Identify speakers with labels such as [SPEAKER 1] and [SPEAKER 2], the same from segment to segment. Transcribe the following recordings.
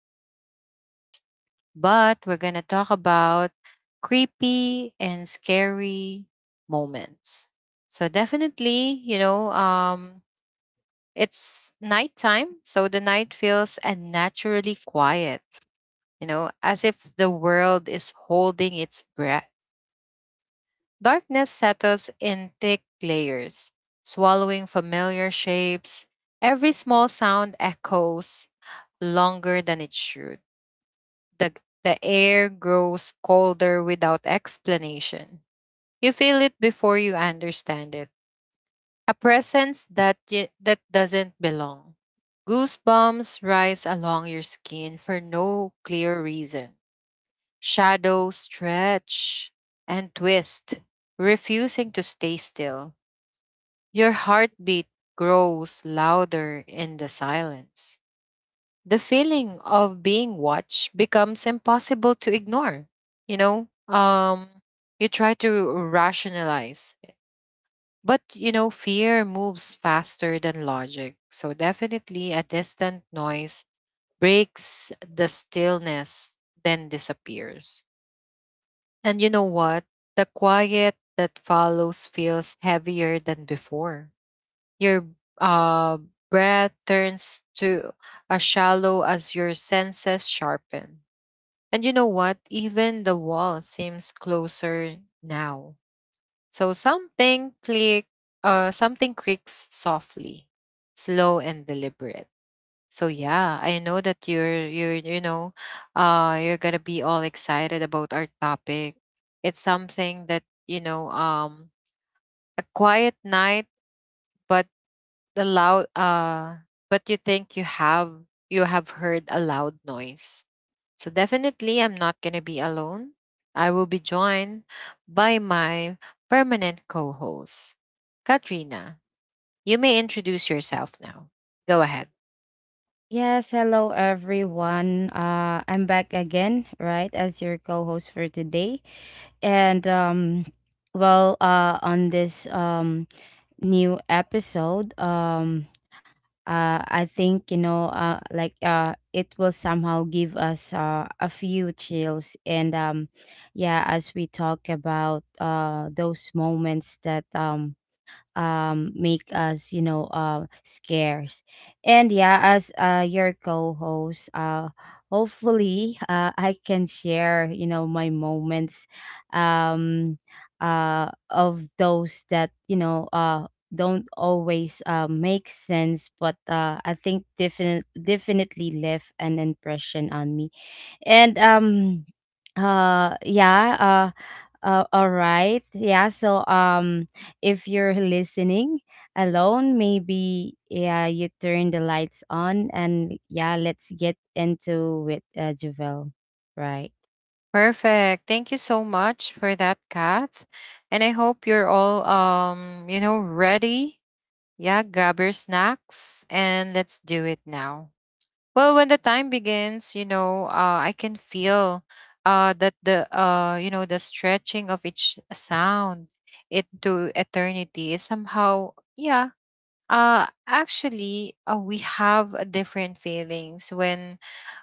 [SPEAKER 1] about games but we're going to talk about creepy and scary moments. So, definitely, it's nighttime, so the night feels unnaturally quiet, as if the world is holding its breath. Darkness settles in thick layers, swallowing familiar shapes. Every small sound echoes longer than it should. The, the air grows colder without explanation. You feel it before you understand it. A presence that doesn't belong. Goosebumps rise along your skin for no clear reason. Shadows stretch and twist, refusing to stay still. Your heartbeat grows louder in the silence. The feeling of being watched becomes impossible to ignore. you know um you try to rationalize, but fear moves faster than logic. So definitely a distant noise breaks the stillness, then disappears, and you know what? The quiet that follows feels heavier than before. Your uh breath turns to a shallow as your senses sharpen, and you know what? Even the wall seems closer now. So something creaks softly, slow and deliberate. So yeah, I know that you're you're gonna be all excited about our topic. It's something that, you know, um a quiet night, but the loud but you think you have, you have heard a loud noise. So definitely, I'm not going to be alone. I will be joined by my permanent co host, Katrina. You may introduce yourself now. Go ahead.
[SPEAKER 2] Yes, hello everyone. I'm back again, right, as your co-host for today. And on this new episode, I think it will somehow give us a few chills, and yeah, as we talk about those moments that make us scarce and yeah as your co-host, hopefully I can share my moments um of those that don't always make sense but I think definitely left an impression on me and um uh yeah, all right. Yeah, so if you're listening alone, maybe yeah, you turn the lights on and yeah, let's get into it, Javel. Right.
[SPEAKER 1] Perfect. Thank you so much for that, Kat. And I hope you're all, ready. Yeah, grab your snacks and let's do it now. Well, when the time begins, I can feel that the you know the stretching of each sound into eternity is somehow, yeah. Actually, we have a different feelings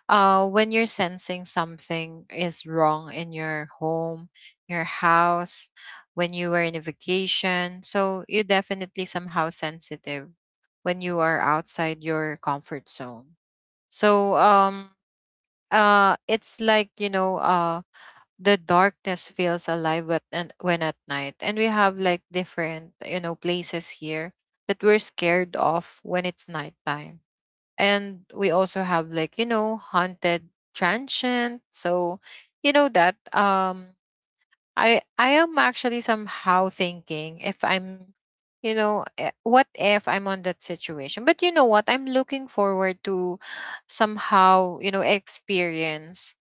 [SPEAKER 1] when you're sensing something is wrong in your home, your house, when you were in a vacation. So you're definitely somehow sensitive when you are outside your comfort zone. So it's like, the darkness feels alive when and when at night. And we have like different, places here that we're scared of when it's nighttime. And we also have like, haunted transient. So you know that. I am actually somehow thinking if I'm, what if I'm on that situation? But you know what? I'm looking forward to somehow, experience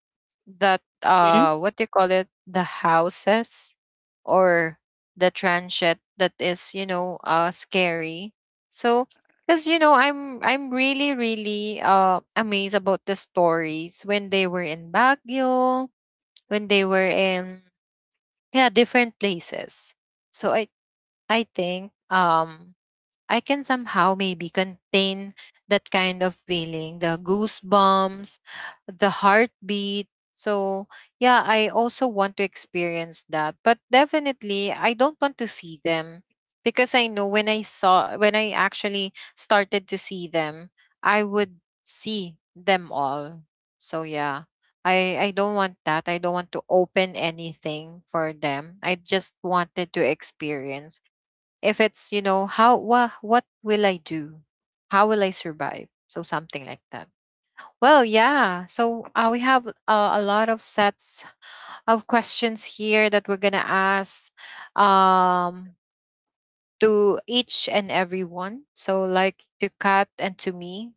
[SPEAKER 1] that.
[SPEAKER 2] Hmm?
[SPEAKER 1] What do you call it? The houses, or the transit that is, scary. So because I'm really really amazed about the stories when they were in Baguio, when they were in, yeah, different places. So i i think I can somehow maybe contain that kind of feeling, the goosebumps, the heartbeat. So, yeah, I also want to experience that. But definitely, I don't want to see them, because I know when I saw, when I actually started to see them, I would see them all. So, yeah. I don't want that. I don't want to open anything for them. I just wanted to experience if it's, how what will I do, how will I survive, so something like that. Well, yeah, so we have a lot of sets of questions here that we're gonna ask, um to each and every one, so like to Kat and to me.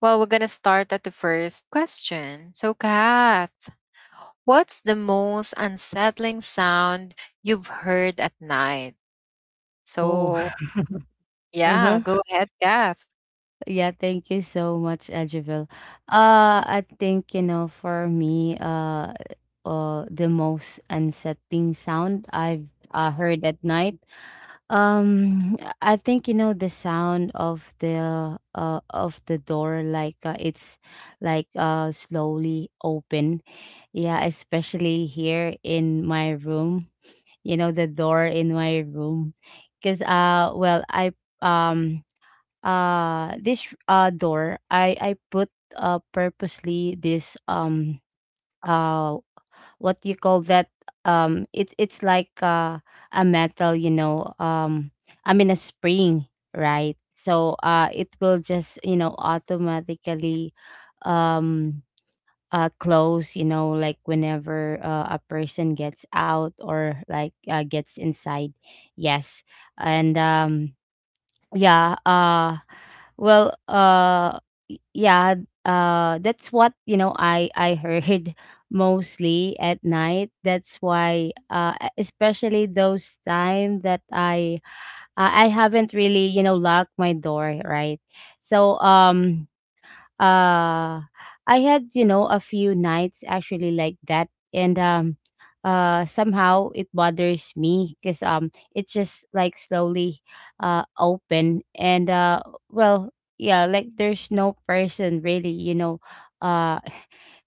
[SPEAKER 1] Well, we're gonna start at the first question. So Kat, what's the most unsettling sound you've heard at night?
[SPEAKER 2] Oh.
[SPEAKER 1] So yeah,
[SPEAKER 2] Uh-huh.
[SPEAKER 1] go ahead, Kat.
[SPEAKER 2] Yeah, thank you so much. I think, you know, for me, the most unsettling sound I've heard at night Um, I think you know the sound of the door, like it's like slowly open. Yeah, especially here in my room. You know the door in my room, because well I um this door I put purposely this uh what you call that, it's like a metal I mean a spring, right? So it will just you know automatically um close you know like whenever a person gets out or like gets inside. Yes, and yeah well y- yeah that's what you know I heard mostly at night. That's why especially those time that I haven't really you know locked my door, right? So uh I had you know a few nights actually like that and somehow it bothers me because it's just like slowly open and well yeah like there's no person really you know uh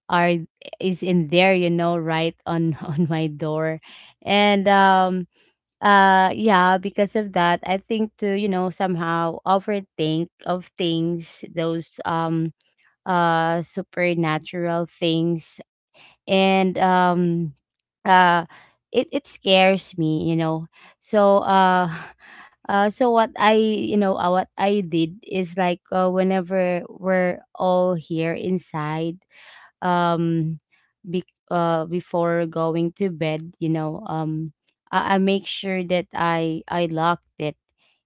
[SPEAKER 2] are is in there you know right on on my door. And yeah, because of that I think to you know somehow overthink of things, those supernatural things, and uh it it scares me you know. So so what I you know what I did is like whenever we're all here inside, um be, before going to bed you know I make sure that I locked it.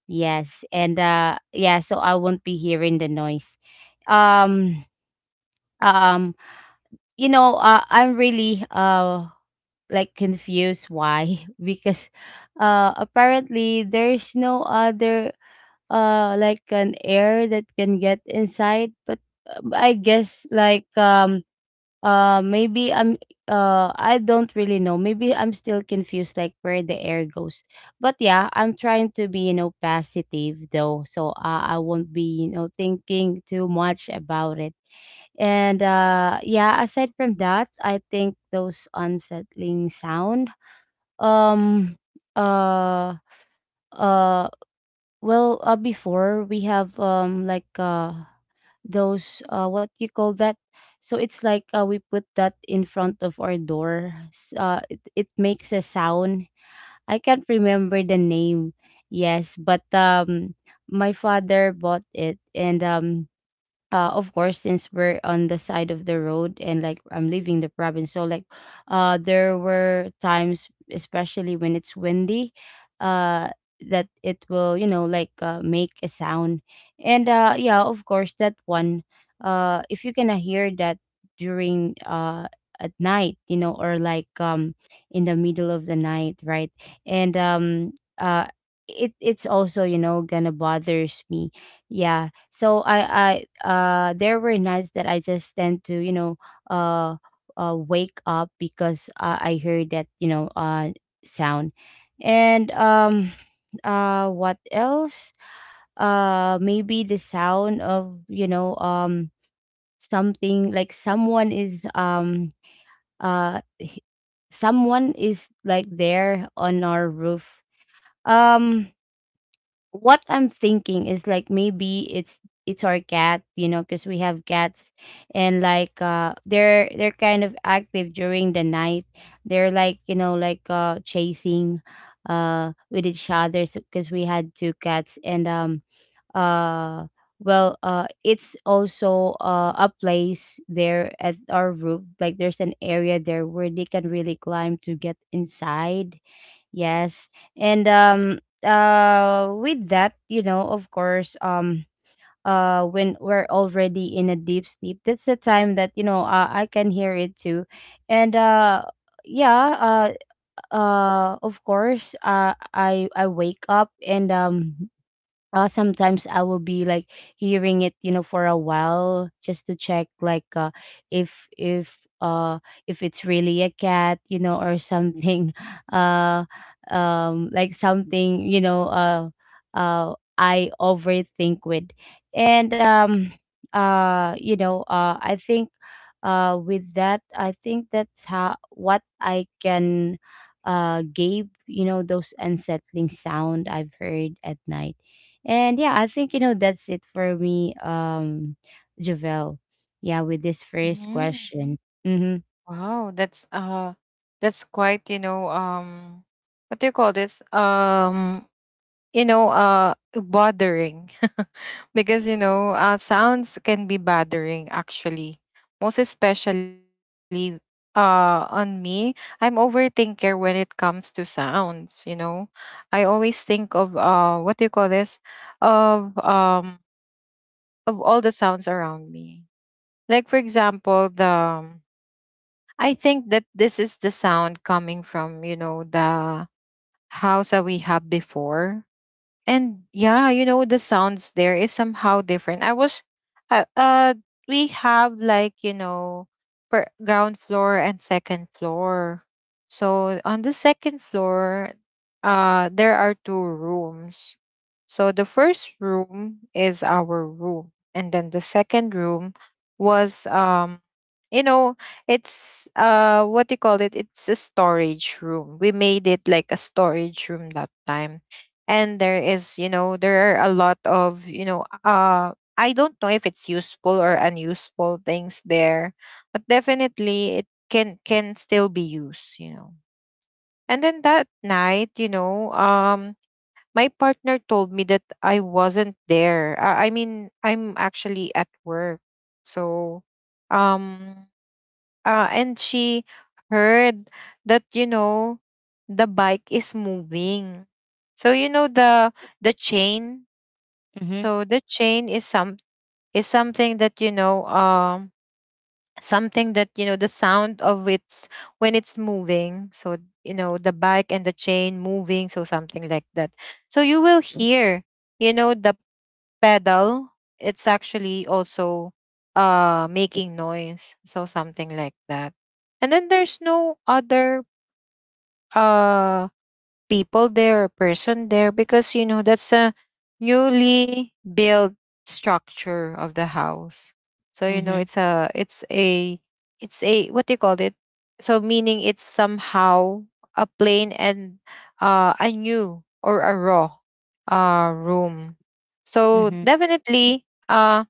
[SPEAKER 2] Yes, and yeah, so I won't be hearing the noise. um um you know, I'm really like confused why because apparently there's no other like an air that can get inside, but I guess like maybe I don't really know, maybe I'm still confused like where the air goes, but yeah I'm trying to be you know positive though, so I won't be you know thinking too much about it. And yeah, aside from that, I think those unsettling sound. Um uh uh Before we have those what you call that? So it's like we put that in front of our door. It makes a sound. I can't remember the name. Yes, but my father bought it , and of course since we're on the side of the road and like I'm leaving the province, so like there were times, especially when it's windy, uh that it will you know like make a sound. And yeah, of course that one, if you're gonna hear that during at night you know or like in the middle of the night, right? and uh it it's also you know gonna bothers me, yeah. So I there were nights that I just tend to you know uh wake up because I heard that you know sound. And what else? Uh, maybe the sound of you know something, like someone is uh h- someone is like there on our roof. um what I'm thinking is like maybe it's our cat, you know, because we have cats, and like they're kind of active during the night. They're like you know like chasing, with each other because we had two cats, and uh it's also a place there at our roof, like there's an area there where they can really climb to get inside. Yes. And with that, you know, of course, when we're already in a deep sleep, that's the time that, you know, I can hear it too. And yeah, of course, I wake up, and sometimes I will be like hearing it, you know, for a while just to check like if if uh if it's really a cat, you know, or something, uh, like something, you know, uh, I overthink with, and You know, I think, with that, I think that's how what I can, give, you know, those unsettling sound I've heard at night. And yeah, I think you know that's it for me, Javel. Yeah, with this first
[SPEAKER 1] Hmm.
[SPEAKER 2] question. Mm-hmm.
[SPEAKER 1] Wow, that's quite, what do you call this? Bothering. Because, sounds can be bothering actually. Most especially on me, I'm overthinker when it comes to sounds, you know. I always think of what do you call this? Of um of all the sounds around me. Like for example, the I think that this is the sound coming from, the house that we have before. And yeah, the sounds there is somehow different. I was uh, uh we have like, per ground floor and second floor. So on the second floor, there are two rooms. So the first room is our room, and then the second room was, you know it's, what do you call it, it's a storage room. We made it like a storage room that time. And there is, there are a lot of, I don't know if it's useful or unuseful things there, but definitely it can still be used, you know. And then that night, my partner told me that I wasn't there. I mean, I'm actually at work. So um and she heard that, the bike is moving. So the chain.
[SPEAKER 2] Mhm.
[SPEAKER 1] The chain is something that, something that, the sound of its when it's moving. So the bike and the chain moving, so something like that. So you will hear, the pedal, it's actually also making noise. So something like that. And then there's no other uh people there or person there, because that's a newly built structure of the house. So you know
[SPEAKER 2] Mhm.
[SPEAKER 1] it's a it's a it's a what do you call it. So meaning it's somehow a plain and a new or a raw room. So
[SPEAKER 2] Mhm.
[SPEAKER 1] definitely,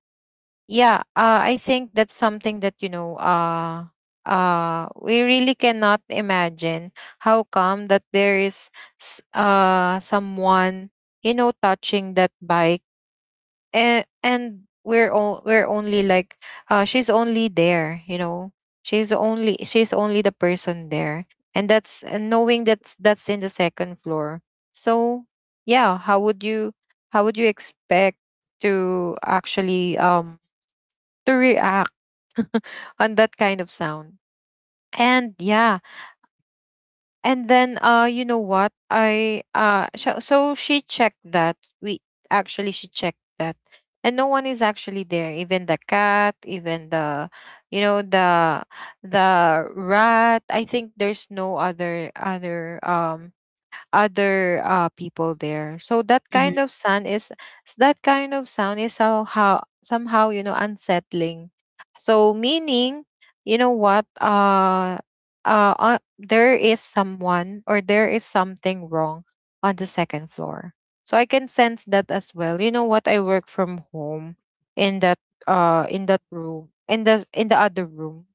[SPEAKER 1] yeah I think that's something that, we really cannot imagine how come that there is someone, touching that bike. And we're all we're only like she's only there, she's only the person there. And that's, and knowing that's in the second floor. So yeah, how would you, how would you expect to actually, to react on that kind of sound. And yeah, and then, you know what? So she checked that. We actually she checked that. And no one is actually there, even the cat, even the, you know the the rat. I think there's no other, people there. So that
[SPEAKER 2] Mhm.
[SPEAKER 1] kind of sound is, that kind of sound is somehow, somehow, you know, unsettling. So meaning, you know what? There is someone or there is something wrong on the second floor. So I can sense that as well. You know what? I work from home in that in that room, in the, in the other room.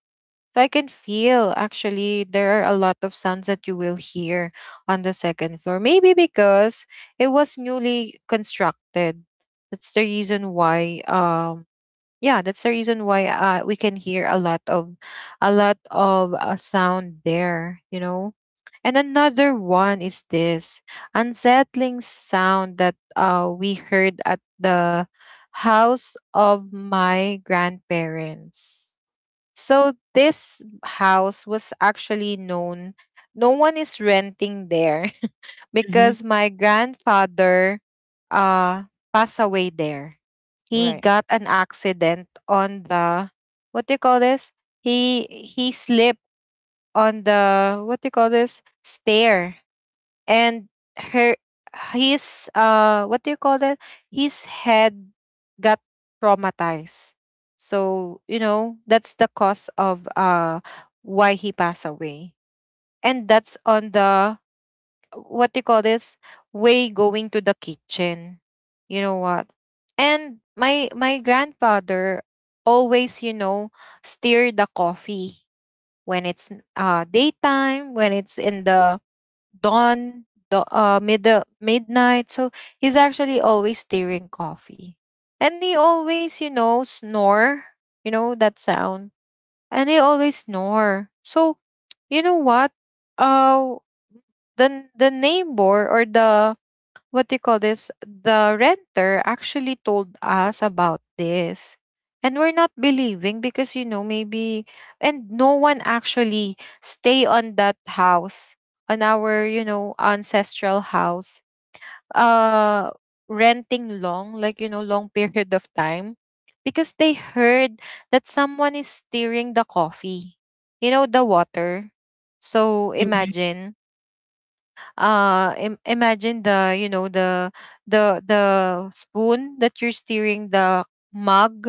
[SPEAKER 1] So I can feel actually there are a lot of sounds that you will hear on the second floor. Maybe because it was newly constructed. That's the reason why, yeah, that's the reason why we can hear a lot of, a lot of sound there, you know. And another one is this unsettling sound that, we heard at the house of my grandparents. So this house was actually known. No one is renting there
[SPEAKER 2] Mhm.
[SPEAKER 1] because my grandfather uh passed away there. He
[SPEAKER 2] Right.
[SPEAKER 1] got an accident on the, what do you call this? He slipped on the, what do you call this? Stair. And her his, what do you call that, his head got traumatized. So you know that's the cause of why he passed away. And that's on the, what do you call this, way going to the kitchen, you know what. And my grandfather always, you know, stir the coffee when it's, daytime, when it's in the dawn, the mid midnight. So he's actually always stirring coffee, and he always, you know, snore. You know that sound, and he always snore. So you know what? Uh, the neighbor, or the, what do you call this? The renter actually told us about this. And we're not believing because you know maybe and no one actually stay on that house on our you know ancestral house uh renting long like you know long period of time because they heard that someone is stirring the coffee, you know, the water. So
[SPEAKER 2] Mhm.
[SPEAKER 1] imagine, imagine the you know the the spoon that you're steering the mug.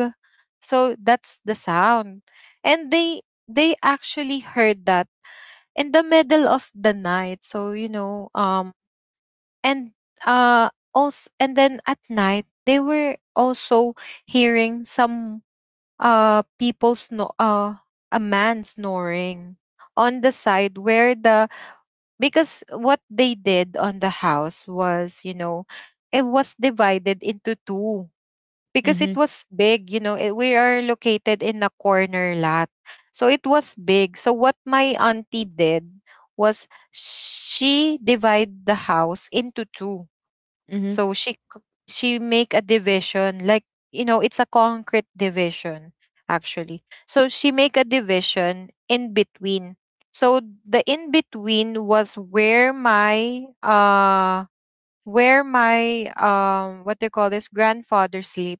[SPEAKER 1] So that's the sound, and they actually heard that in the middle of the night. So you know, and also, and then at night they were also hearing some people snore, a man snoring on the side where the, because what they did on the house was, you know, it was divided into two because it
[SPEAKER 2] Mhm.
[SPEAKER 1] was big. You know it, we are located in a corner lot, so it was big. So what my auntie did was she divided the house into two.
[SPEAKER 2] Mhm.
[SPEAKER 1] So she make a division like, you know, it's a concrete division actually. So she make a division in between. So the in between was where my what do you call this, grandfather sleep,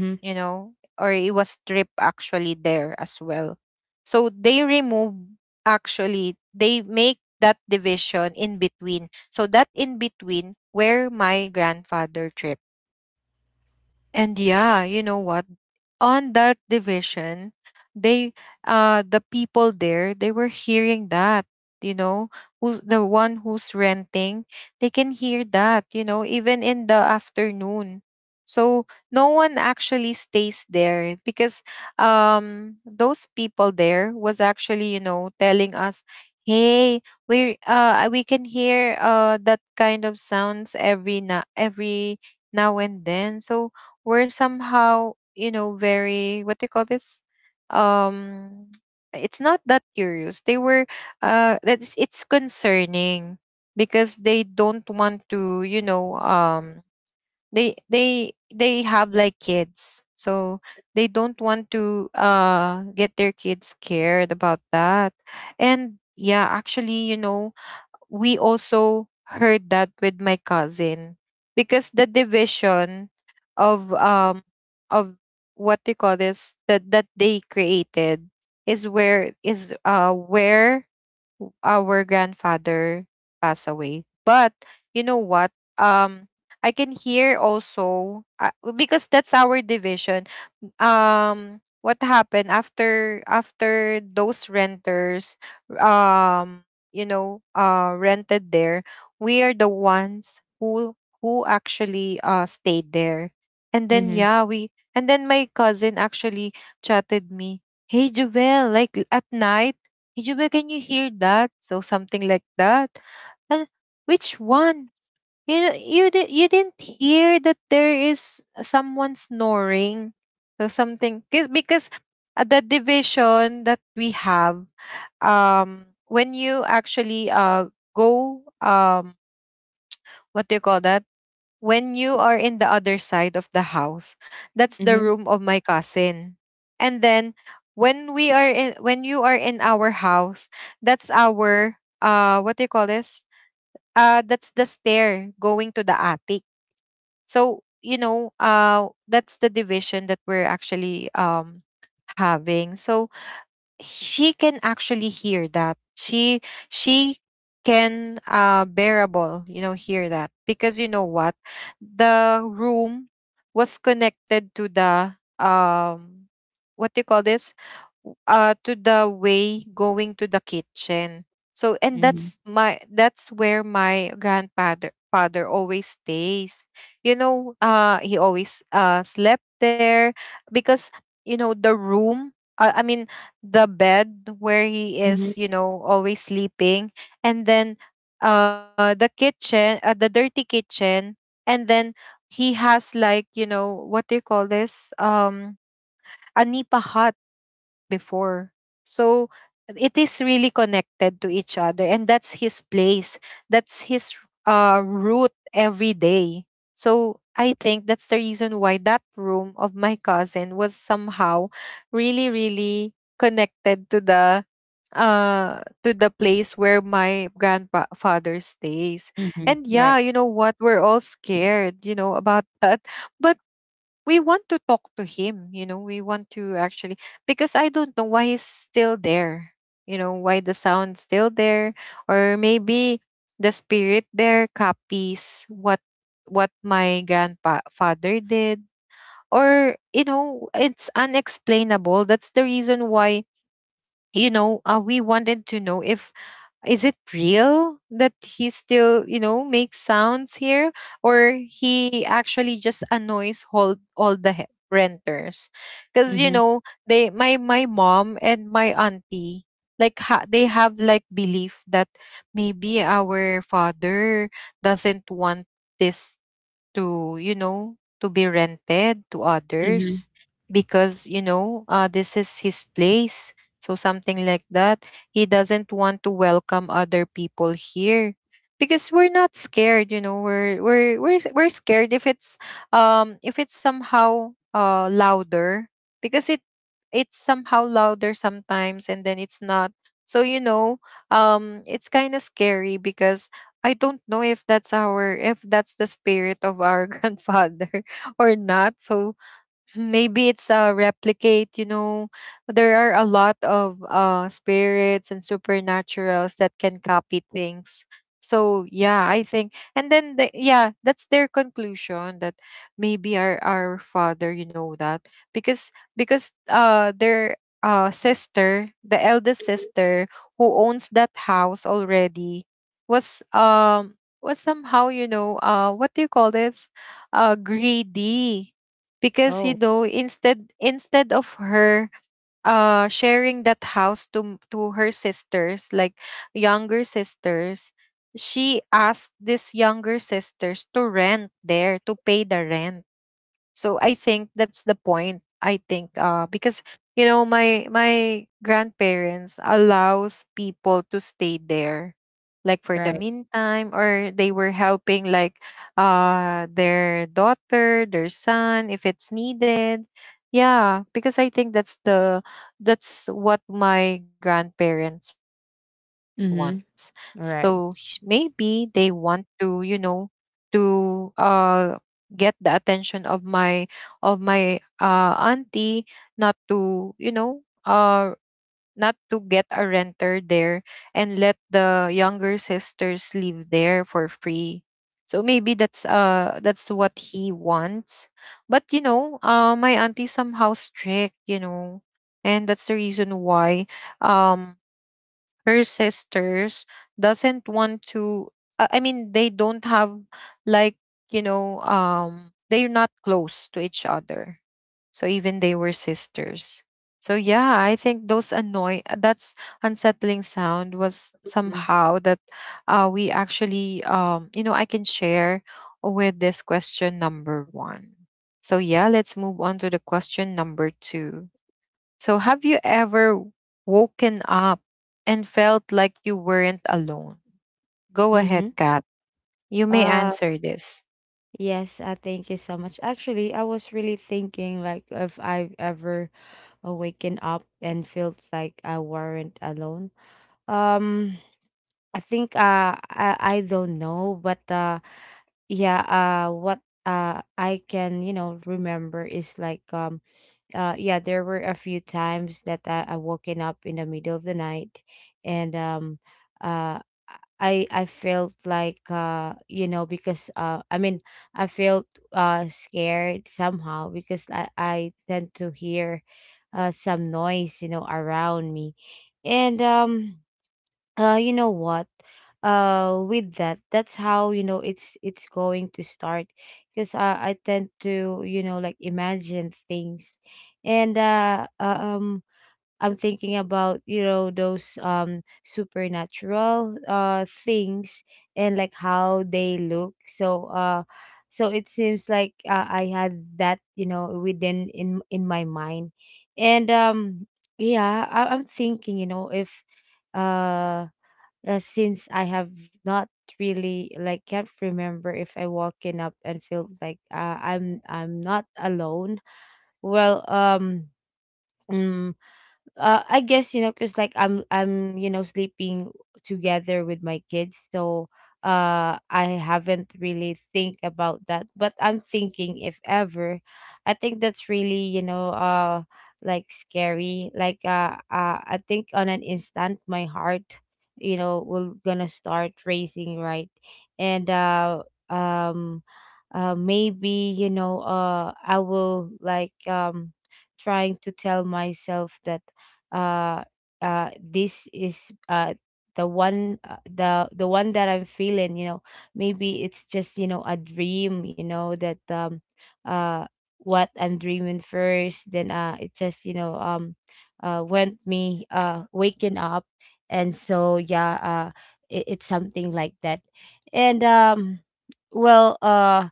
[SPEAKER 2] Mhm.
[SPEAKER 1] you know, or it was stripped actually there as well. So they remove, actually they make that division in between. So that in between where my grandfather tripped. And yeah, you know what? On that division, they, the people there, they were hearing that, you know, who's the one who's renting, they can hear that, you know, even in the afternoon. So no one actually stays there because those people there was actually, you know, telling us, "Hey, we can hear that kind of sounds every now and then." So we're somehow you know very what do you call this, um it's not that curious, they were that's, it's concerning because they don't want to, you know, they have like kids, so they don't want to get their kids scared about that. And yeah, actually, you know, we also heard that with my cousin because the division of um of what they call this that they created is where our grandfather pass away. But you know what? Um, I can hear also, because that's our division. What happened after those renters, um, you know, rented there? We are the ones who actually stayed there, and then
[SPEAKER 2] Mhm.
[SPEAKER 1] yeah, we and then my cousin actually chatted me. Hey Jovel, like, at night Ijuba, can you hear that? So something like that. And which one? You you didn't hear that there is someone snoring? So something because the division that we have, when you actually go, what do you call that, when you are in the other side of the house, that's the
[SPEAKER 2] Mhm.
[SPEAKER 1] room of my cousin. And then when you are in our house, that's our what do you call this? That's the stair going to the attic. So, you know, that's the division that we're actually having. So she can actually hear that she can, bearable, you know, hear that because you know what, the room was connected to the um what do you call this, to the way going to the kitchen. So and
[SPEAKER 2] Mhm.
[SPEAKER 1] that's my, that's where my grandfather father always stays, you know, he always slept there because, you know, the room, I mean the bed where he is,
[SPEAKER 2] Mhm.
[SPEAKER 1] you know, always sleeping, and then the kitchen, the dirty kitchen, and then he has like, you know, what do you call this? A nipa hut before. So it is really connected to each other and that's his place. That's his root every day. So I think that's the reason why that room of my cousin was somehow really, really connected to the place where my grandfather stays.
[SPEAKER 2] Mhm.
[SPEAKER 1] And yeah,
[SPEAKER 2] Right.
[SPEAKER 1] you know what, we're all scared, you know, about that. But we want to talk to him, you know, we want to actually, because I don't know why he's still there, you know, why the sound's still there. Or maybe the spirit there copies what my grandfather did, or you know it's unexplainable. That's the reason why, you know, we wanted to know if is it real that he still you know makes sounds here, or he actually just annoys all, the renters because you
[SPEAKER 2] Mhm.
[SPEAKER 1] know, they, my mom and my auntie, like, they have like belief that maybe our father doesn't want this to, you know, to be rented to others
[SPEAKER 2] Mhm.
[SPEAKER 1] because, you know, this is his place. So something like that, he doesn't want to welcome other people here. Because we're not scared, you know, we're scared if it's, if it's somehow louder, because it, it's somehow louder sometimes and then it's not. So you know, it's kind of scary because I don't know if that's our, if that's the spirit of our grandfather or not. So maybe it's a replicate, you know, there are a lot of spirits and supernaturals that can copy things. So yeah, I think and then the, yeah, that's their conclusion that maybe our father, you know, that because their sister, the eldest sister who owns that house already, was um was somehow, you know, what do you call this, greedy. Because, you
[SPEAKER 2] Oh,
[SPEAKER 1] know, instead of her sharing that house to her sisters, like younger sisters, she asked these younger sisters to rent there to pay the rent. So I think that's the point. I think, because, you know, my grandparents allows people to stay there like for the
[SPEAKER 2] right.
[SPEAKER 1] meantime, or they were helping like their daughter, their son, if it's needed. Yeah, because I think that's the, that's what my grandparents wants.
[SPEAKER 2] Mhm.
[SPEAKER 1] So,
[SPEAKER 2] Right.
[SPEAKER 1] maybe they want to, you know, to get the attention of my, of my auntie, not to, you know, uh, not to get a renter there and let the younger sisters live there for free. So maybe that's what he wants. But you know, my auntie somehow strict, you know. And that's the reason why, um her sisters doesn't want to, I mean they don't have like, you know, they're not close to each other, so even they were sisters. So yeah, I think those annoy, that's unsettling sound was
[SPEAKER 2] Mhm.
[SPEAKER 1] somehow that, we actually, you know, I can share with this question number one. So yeah, let's move on to the question number two. So, have you ever woken up and felt like you weren't alone? Go ahead,
[SPEAKER 2] Mhm.
[SPEAKER 1] Kat. You may
[SPEAKER 2] Uh,
[SPEAKER 1] answer this.
[SPEAKER 2] yes, I thank you so much. Actually, I was really thinking like if I've ever awakened up and felt like I weren't alone. Um, I think I don't know, but yeah, what I can, you know, remember is like yeah, there were a few times that I woken up in the middle of the night, and uh I felt like you know, because I mean I felt scared somehow because I tend to hear some noise you know around me. And You know what, with that that's how you know it's going to start because I tend to you know like imagine things. And I'm thinking about you know those supernatural things, and like how they look. So so it seems like I had that you know within in my mind. And yeah, I'm thinking you know if uh since I have not really like can't remember if I woken up and feel like I'm not alone. Well, mm, I guess you know because like I'm you know sleeping together with my kids, so I haven't really think about that, but I'm thinking if ever I think that's really you know like scary. Like I think on an instant my heart you know will gonna start racing, right? and um Maybe you know I will like trying to tell myself that uh this is the one, the one that I'm feeling, you know, maybe it's just you know a dream you know. That uh what I'm dreaming first, then it just you know went me waking up. And so yeah, it, it's something like that. And well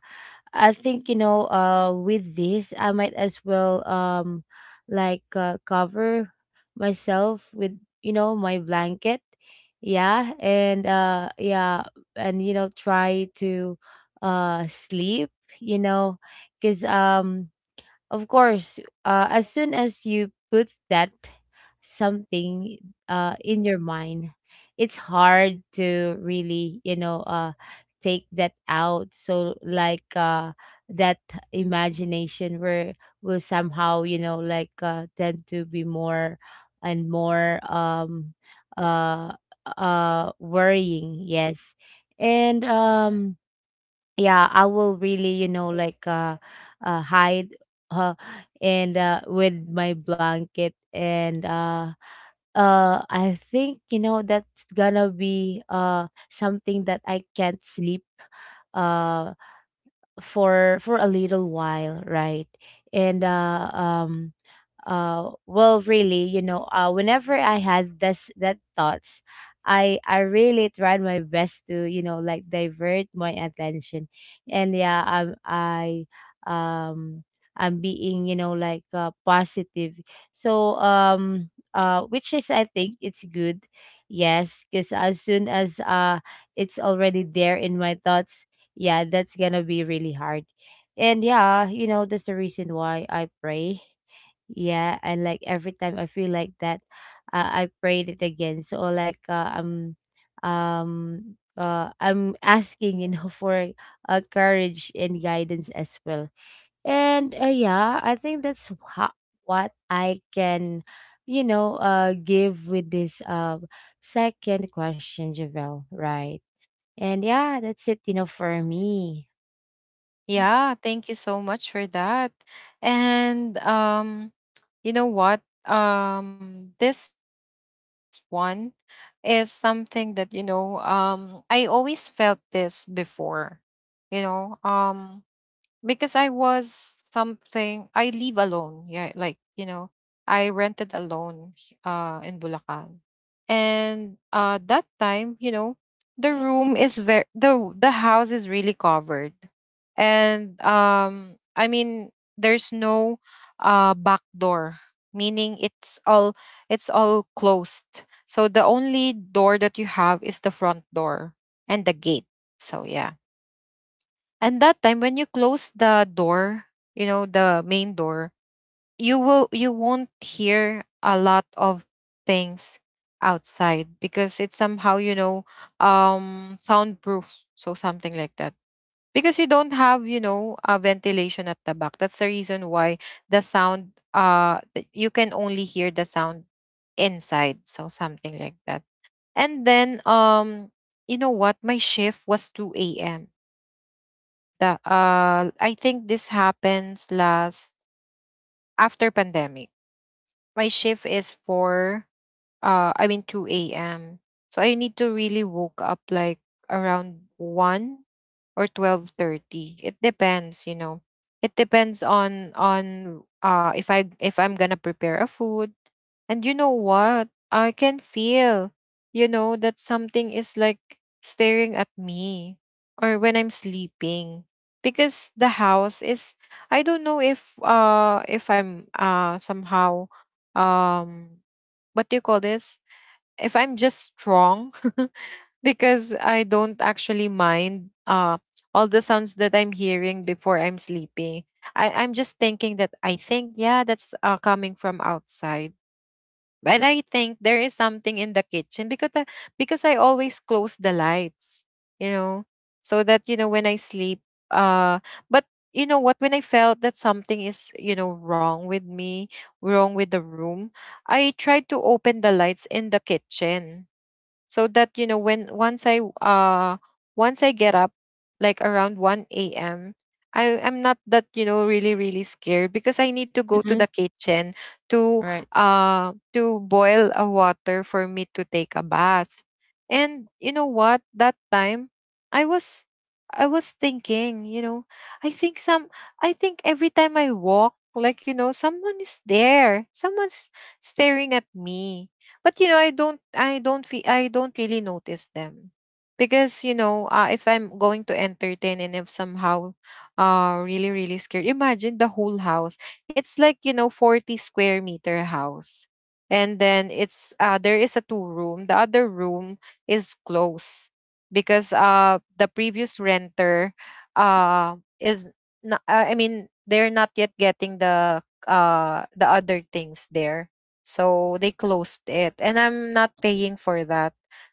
[SPEAKER 2] I think you know with this I might as well cover myself with you know my blanket, yeah. And yeah, and you know try to sleep, you know, cuz of course, as soon as you put that something in your mind, it's hard to really, you know, take that out. So, like that imagination where will somehow, you know, like tend to be more and more uh, worrying. Yes, and yeah, I will really hide uh, and with my blanket, and I think you know that's gonna be something that I can't sleep uh for a little while, right? And well, really, you know, whenever I had this that thoughts, I really tried my best to, you know, like divert my attention. And yeah, um I'm being, you know, like positive. So which is, I think, it's good. Yes, because as soon as it's already there in my thoughts, yeah, that's gonna be really hard. And yeah, you know, that's the reason why I pray. Yeah, and like every time I feel like that, uh, I prayed it again. So like I'm asking, you know, for courage and guidance as well. And yeah, I think that's wha- what I can, give with this second question, Javel, right? And yeah, that's it, you know, for me.
[SPEAKER 1] Yeah, thank you so much for that. And you know what? This one is something that you know. I always felt this before. You know. Because I was something I live alone. Yeah, like you know, I rented alone, in Bulacan. And that time, you know, the room is very, the house is really covered. And I mean there's no back door, meaning it's all, it's all closed. So the only door that you have is the front door and the gate. So yeah, and that time when you close the door, you know, the main door, you won't hear a lot of things outside because it's somehow, you know, soundproof. So something like that. Because you don't have, you know, a ventilation at the back. That's the reason why the sound, you can only hear the sound inside. So something like that. And then you know what? My shift was 2 a.m. The I think this happens last after pandemic. My shift is four. I mean two a.m. So I need to really woke up like around 1 or 12:30. It depends, you know. It depends on if I, if I'm gonna prepare a food. And you know what? I can feel, you know, that something is like staring at me, or when I'm sleeping because the house is, I don't know if I'm somehow, um what do you call this, if I'm just strong because I don't actually mind all the sounds that I'm hearing before I'm sleeping. I'm just thinking that, I think yeah, that's, coming from outside, but I think there is something in the kitchen because I, always close the lights, you know, so that you know when I sleep. Uh, but you know what? When I felt that something is, you know, wrong with me, wrong with the room, I tried to open the lights in the kitchen so that you know, when once I once I get up, like around 1 a.m, I am not that, you know, really really scared, because I need to go to
[SPEAKER 2] Mm-hmm.
[SPEAKER 1] the kitchen to
[SPEAKER 2] Right.
[SPEAKER 1] to boil a water for me to take a bath. And you know what, that time i was I was thinking, you know, i think some I think every time I walk, like, you know, someone is there, someone's staring at me. But you know, I don't feel, I don't really notice them. Because, you know, if I'm going to entertain and if somehow really, really scared, imagine the whole house. It's like, you know, 40 square meter house. And then it's, there is a two room. The other room is closed because the previous renter, uh is not, I mean they're not yet getting the the other things there, so they closed it. And I'm not paying for that.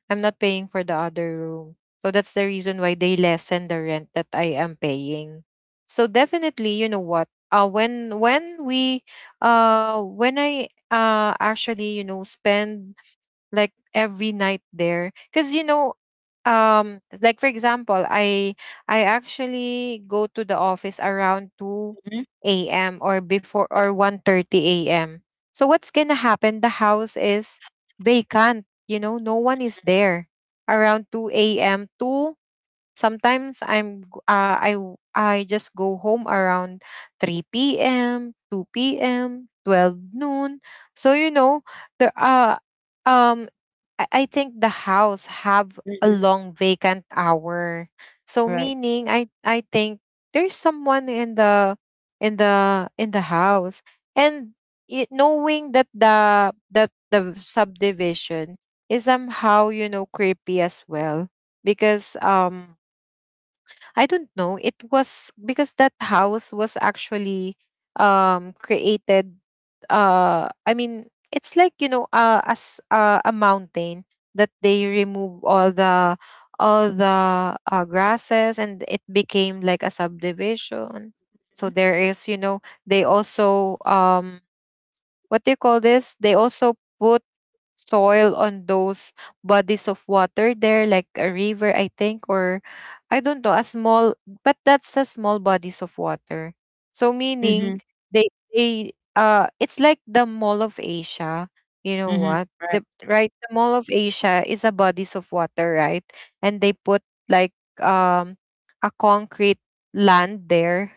[SPEAKER 1] I'm not paying for the other room. So that's the reason why they lessen the rent that I am paying. So definitely, you know what? When I actually, you know, spend like every night there, because like for example I actually go to the office around 2
[SPEAKER 2] Mhm.
[SPEAKER 1] a.m or before
[SPEAKER 2] Right.
[SPEAKER 1] or 1:30 a.m., so what's gonna happen, the house is vacant, you know, no one is there around 2 a.m to... Sometimes I'm g- I w- I just go home around 3 p.m., 2 p.m., 12 noon. So, you know, the uh um I think the house have a
[SPEAKER 2] Mm-hmm.
[SPEAKER 1] long vacant hour. So
[SPEAKER 2] Right.
[SPEAKER 1] meaning I think there's someone in the house. And it, knowing that the subdivision is somehow, you know, creepy as well. Because I don't know. It was because that house was actually created. I mean, it's like, you know, as a mountain that they remove all the grasses, and it became like a subdivision. So there is, you know, they also, what do you call this? They also put soil on those bodies of water there, like a river, I think, or I don't know, a small, but that's a small bodies of water. So meaning,
[SPEAKER 2] Mm-hmm.
[SPEAKER 1] they they it's like the Mall of Asia. You know
[SPEAKER 2] Mm-hmm.
[SPEAKER 1] what?
[SPEAKER 2] Right.
[SPEAKER 1] The Mall of Asia is a bodies of water, right? And they put, like, um a concrete land there.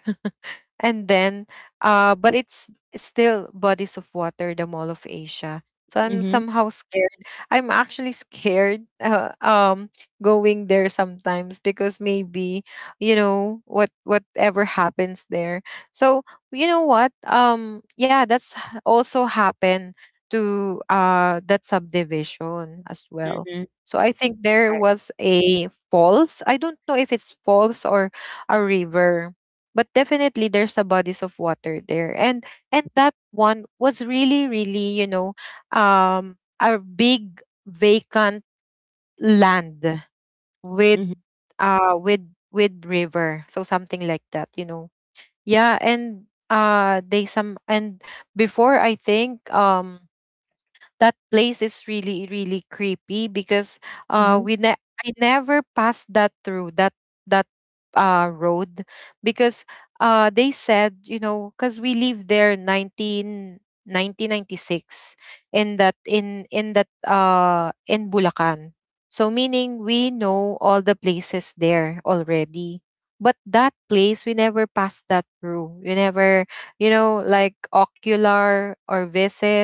[SPEAKER 1] And then, but it's still bodies of water, the Mall of Asia. So I'm
[SPEAKER 2] Mm-hmm.
[SPEAKER 1] somehow scared. I'm actually scared going there sometimes, because maybe, you know what, whatever happens there. So, you know what, yeah, also happened to that subdivision as well.
[SPEAKER 2] Mhm,
[SPEAKER 1] So I think there
[SPEAKER 2] right.
[SPEAKER 1] was a falls. I don't know if it's falls or a river. But definitely, there's a bodies of water there. And that one was really, really, you know, a big vacant land with
[SPEAKER 2] Mhm,
[SPEAKER 1] uh with with river, so something like that, you know. Yeah. And uh they some and before, I think, that place is really, really creepy, because uh
[SPEAKER 2] mhm,
[SPEAKER 1] we ne- I never passed that through that road. Because they said, you know, because we lived there nineteen ninety six, in that, in Bulacan. So meaning we know all the places there already. But that place, we never passed that through. We never, you know, like ocular or visit.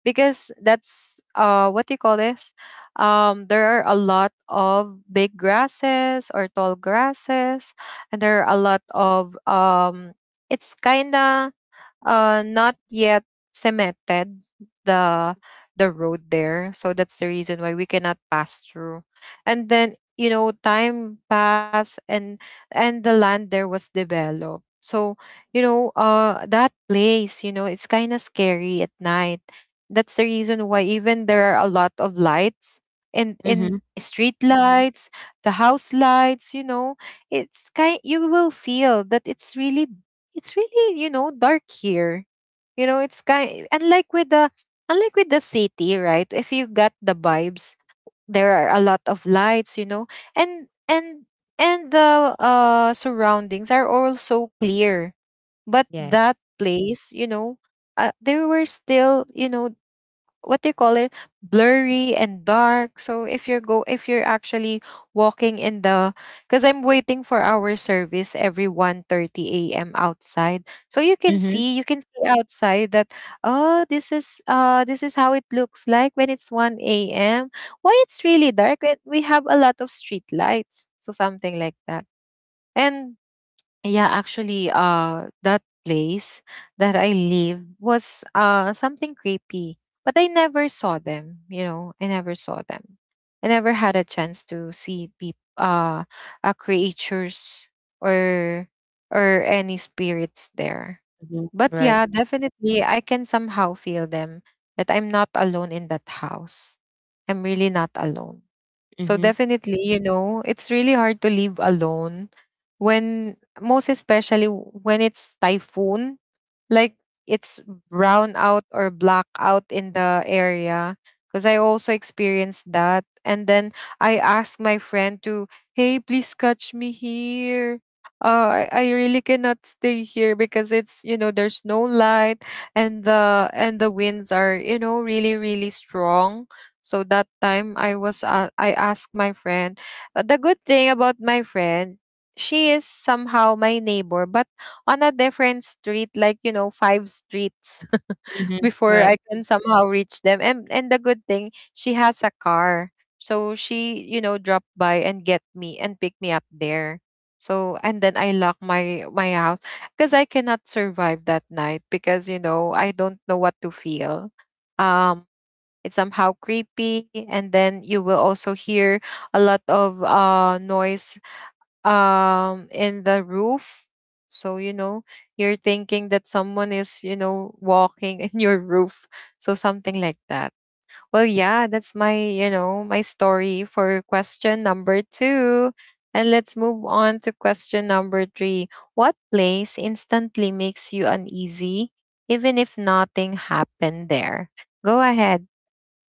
[SPEAKER 1] Because that's, what do you call this, there are a lot of big grasses or tall grasses. And there are a lot of, it's kinda not yet cemented, the the road there. So that's the reason why we cannot pass through. And then, you know, time passed, and the land there was developed. So, you know, that place, you know, it's kind of scary at night. That's the reason why, even there are a lot of lights, and
[SPEAKER 2] mhm.
[SPEAKER 1] in street lights, the house lights, you know, it's kind you will feel that it's really, it's really, you know, dark here. You know, it's kind unlike with the city, right? If you got the vibes, there are a lot of lights, you know. And and and the surroundings are also clear. But
[SPEAKER 2] Yes.
[SPEAKER 1] that place, you know, there were still, you know, what they call it, blurry and dark. So if you're go if you're actually walking in the, because I'm waiting for our service every 1:30 a.m. outside, so
[SPEAKER 2] Mhm,
[SPEAKER 1] you can see outside that, oh, this is this is how it looks like when it's 1 a.m. Why it's really dark, eh? We have a lot of street lights, so something like that. And yeah, actually, that place that I live was something creepy, but I never saw them. You know, I never saw them. I never had a chance to see, peop creatures, or or any spirits there.
[SPEAKER 2] mhm,
[SPEAKER 1] But
[SPEAKER 2] right.
[SPEAKER 1] yeah, definitely, I can somehow feel them, that I'm not alone in that house. I'm really not alone. So
[SPEAKER 2] Mhm,
[SPEAKER 1] definitely, you know, it's really hard to live alone, when, most especially when it's typhoon, like, it's brown out or black out in the area, because I also experienced that. And then I asked my friend to, hey, please catch me here. I really cannot stay here, because it's, you know, there's no light, and the winds are, you know, really, really strong. So that time I asked my friend. The good thing about my friend, she is somehow my neighbor, but on a different street, like, you know, five streets
[SPEAKER 2] mhm,
[SPEAKER 1] before
[SPEAKER 2] right.
[SPEAKER 1] I can somehow reach them. And the good thing, she has a car. So she, you know, dropped by and get me and pick me up there. So, and then, I lock my my house, because I cannot survive that night, because, you know, I don't know what to feel. Um, it's somehow creepy, and then you will also hear a lot of noise in the roof. So, you know, you're thinking that someone is, you know, walking in your roof, so something like that. Well, yeah, that's my, you know, my story for question number 2. And let's move on to question number 3. What place instantly makes you uneasy, even if nothing happened there? Go ahead,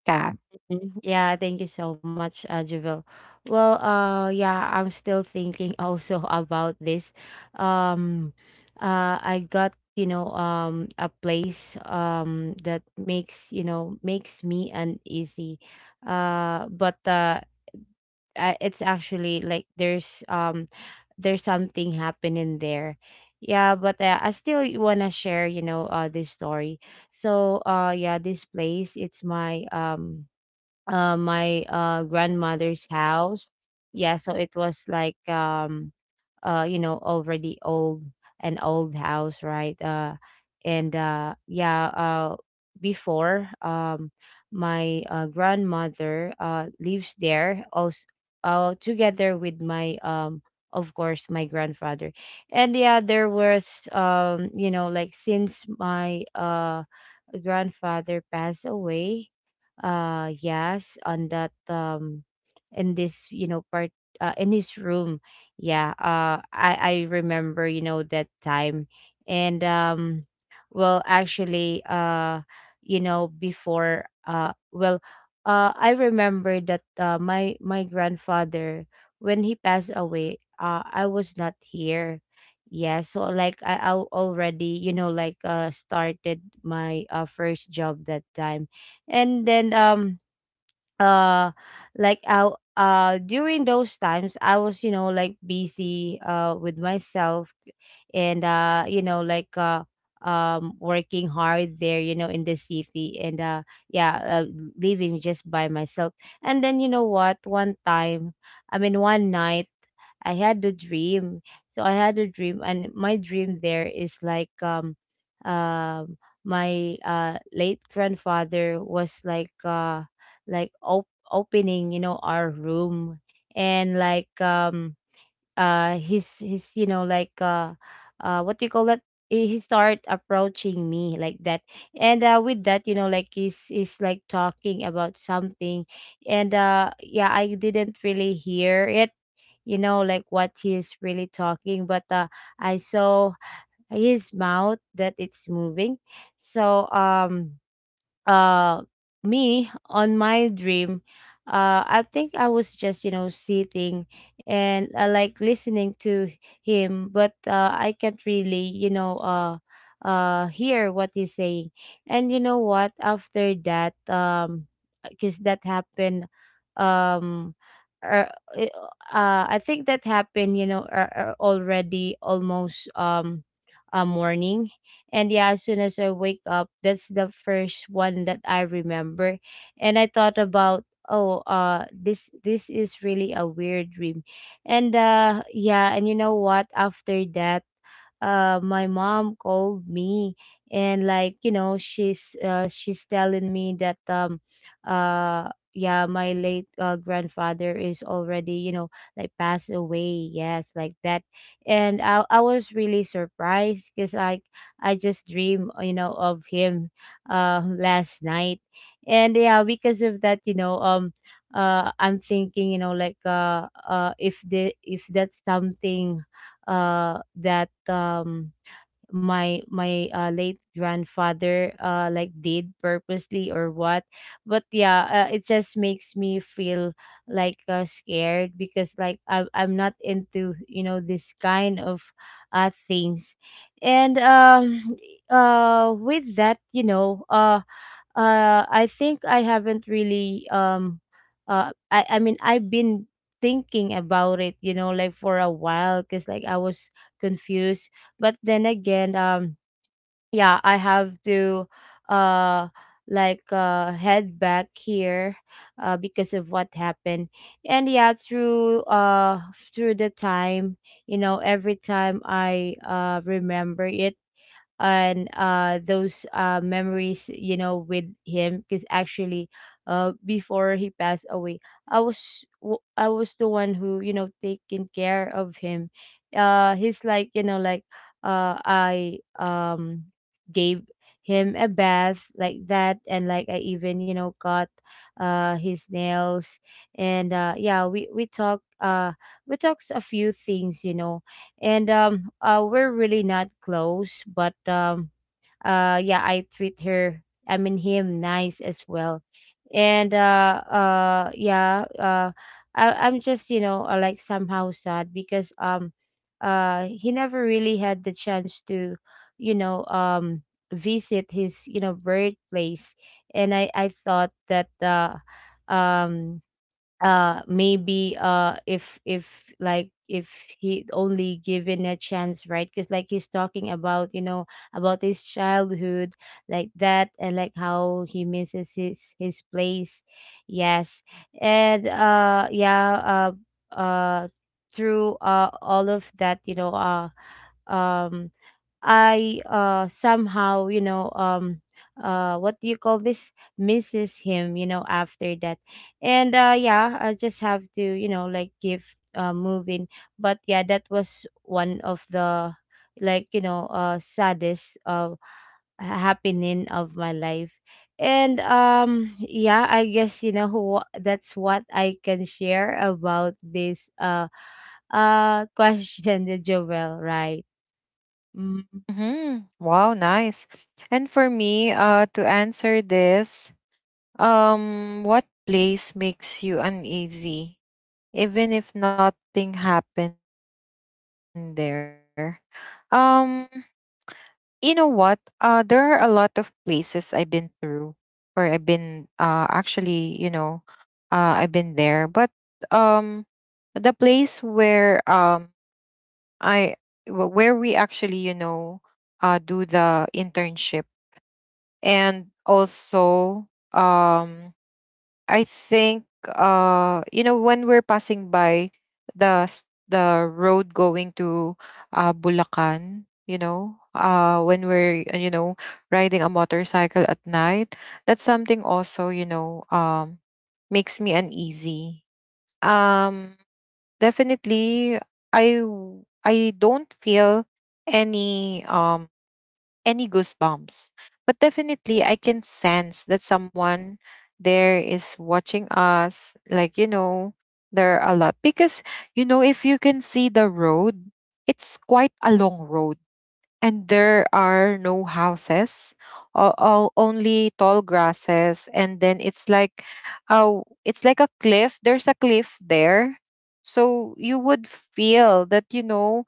[SPEAKER 1] Kath.
[SPEAKER 2] Mhm. Yeah, thank you so much, Javel. Well, yeah, I'm still thinking also about this. Um, I got, you know, a place, that makes, you know, makes me uneasy. But it's actually like there's something happening there. Yeah, but I still wanna share, you know, this story. So, yeah, this place, it's my grandmother's house. Yeah, so it was like you know, already old, an old house, right? And Yeah, before my grandmother lives there also, together with my of course, my grandfather. And yeah, there was, you know, like since my grandfather passed away, yes, on that, in this, you know, part, in his room. Yeah, I remember, you know, that time. And well actually you know, before, I remember that, my grandfather, when he passed away, I was not here. Yeah, so like I already, you know, like started my first job that time. And then uh like I during those times, I was, you know, like busy with myself, and you know, like working hard there, you know, in the city. And yeah, living just by myself. And then, you know what, one time, I mean, one night, I had a dream. So I had a dream, and my dream there is like um, my late grandfather was like opening, you know, our room, and like he's, you know, like what do you call that, he, start approaching me like that. And with that, you know, like he's, like talking about something. And yeah, I didn't really hear it, you know, like what he's really talking. But I saw his mouth that it's moving. So uh me on my dream, I think I was just, you know, sitting and like listening to him. But I can't really, you know, hear what he's saying. And you know what, after that, because that happened, um er, eh, I think that happened, you know, already almost a morning. And yeah, as soon as I wake up, that's the first one that I remember. And I thought about, oh, this is really a weird dream. And yeah, and you know what, after that, my mom called me, and like, you know, she's, telling me that, uh yeah, my late, grandfather is already, you know, like passed away, yes, like that. And I was really surprised because I just dream, you know, of him, last night. And yeah, because of that, you know, I'm thinking, you know, like if that's something, that my late grandfather like did purposely or what. But yeah, it just makes me feel like scared, because like I'm not into, you know, this kind of things. And with that, you know, I think I haven't really, I mean, I've been thinking about it, you know, like for a while, because like I was confused. But then again, yeah, I have to, uh head back here, because of what happened. And yeah, through through the time, you know, every time I remember it, and those memories, you know, with him. Because actually, before he passed away, I was the one who, you know, taking care of him. He's like, you know, like I gave him a bath, like that. And like I even, you know, got his nails. And yeah, we talk we talked a few things, you know. And we're really not close, but yeah, I treat her I mean him nice as well. And yeah, I'm just, you know, like somehow sad, because he never really had the chance to, you know, visit his, you know, birthplace. And I thought that, um maybe if like if he only given a chance, right, because like he's talking about, you know, about his childhood, like that, and like how he misses his place. Yes. And yeah uh uh through all of that, you know, um I somehow, you know, what do you call this? Misses him, you know, after that. And yeah, I just have to, you know, like give, move in. But yeah, that was one of the, like, you know, saddest happening of my life. And yeah, I guess, you know, who, that's what I can share about this question, the Joel, right? Mm-hmm.
[SPEAKER 1] Hmm, wow, nice. And for me, to answer this. What place makes you uneasy, even if nothing happened there? Um, you know what? There are a lot of places I've been through, or I've been, actually, you know, I've been there, but, um, the place where, I where we actually, you know, do the internship, and also, um I think, you know, when we're passing by the road going to Bulacan, you know, when we're, you know, riding a motorcycle at night, that's something also, you know, makes me uneasy. Um Definitely, I don't feel any, any goosebumps. But definitely, I can sense that someone there is watching us. Like, you know, there are a lot. Because, you know, if you can see the road, it's quite a long road. And there are no houses, all only tall grasses. And then it's like, oh, it's like a cliff. There's a cliff there. So you would feel that, you know,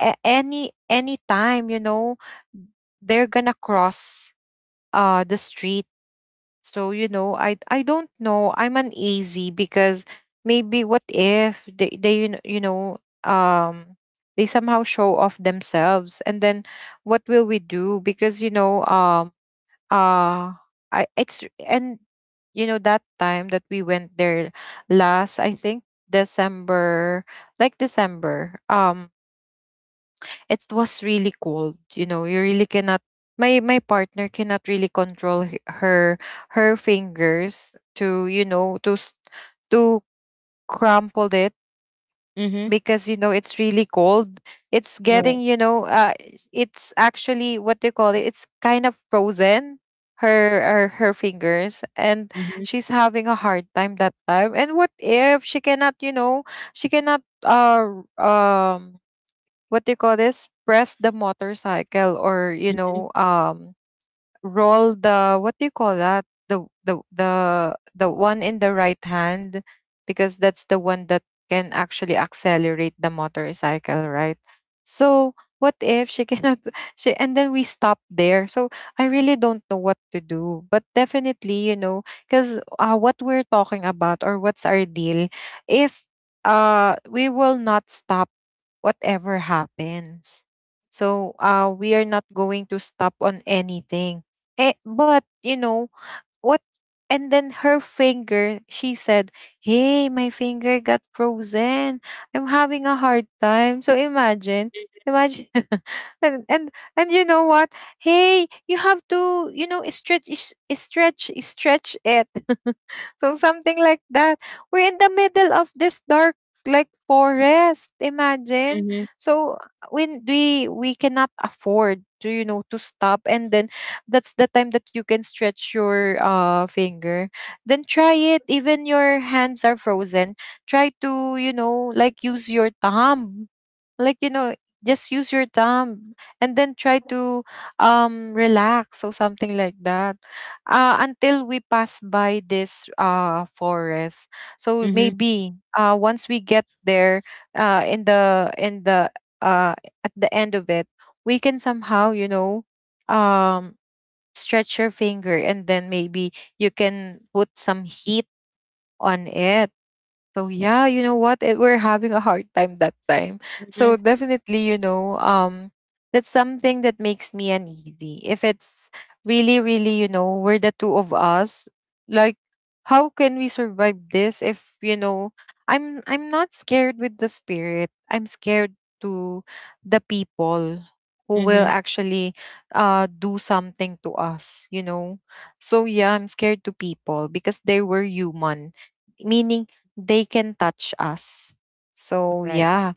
[SPEAKER 1] any time, you know, they're gonna cross the street. So, you know, I don't know, I'm uneasy because maybe, what if they, you know, um they somehow show off themselves, and then what will we do? Because, you know, uh i it's and that time that we went there, last, I think, December, like December, it was really cold. You know, you really cannot, my my partner cannot really control her fingers to, you know, to crumple it, because, you know, it's really cold. It's getting,
[SPEAKER 2] Right.
[SPEAKER 1] you know, it's actually, what they call it, it's kind of frozen, her, her fingers. And
[SPEAKER 2] Mhm,
[SPEAKER 1] she's having a hard time that time. And what if she cannot, you know, she cannot, what do you call this, press the motorcycle, or, you
[SPEAKER 2] mhm,
[SPEAKER 1] know, roll the, what do you call that, the one in the right hand, because that's the one that can actually accelerate the motorcycle, right? So what if she cannot she, and then we stop there? So I really don't know what to do. But definitely, you know, because, what we're talking about, or what's our deal, if, we will not stop, whatever happens. So, we are not going to stop on anything. Eh, but you know what? And then her finger, she said, "Hey, my finger got frozen. I'm having a hard time." So imagine, imagine, and and and you know what? Hey, you have to, you know, stretch, stretch it. So something like that. We're in the middle of this dark, like, forest. Imagine.
[SPEAKER 2] mhm,
[SPEAKER 1] So when we cannot afford to to stop, and then that's the time that you can stretch your finger, then try it even your hands are frozen. Try to like use your thumb, like you know just use your thumb and then try to relax or something like that, until we pass by this forest. So
[SPEAKER 2] mhm,
[SPEAKER 1] maybe once we get there, in the uh at the end of it, we can somehow, um stretch your finger and then maybe you can put some heat on it. So yeah, you know what? We're having a hard time that time. So
[SPEAKER 2] mhm,
[SPEAKER 1] definitely, that's something that makes me uneasy. If it's really, really, we're the two of us, like, how can we survive this? If you know, I'm not scared with the spirit. I'm scared to the people who will
[SPEAKER 2] mhm.
[SPEAKER 1] actually do something to us. You know, so yeah, I'm scared to people because they were human, meaning they can touch us. So
[SPEAKER 2] Right.
[SPEAKER 1] yeah.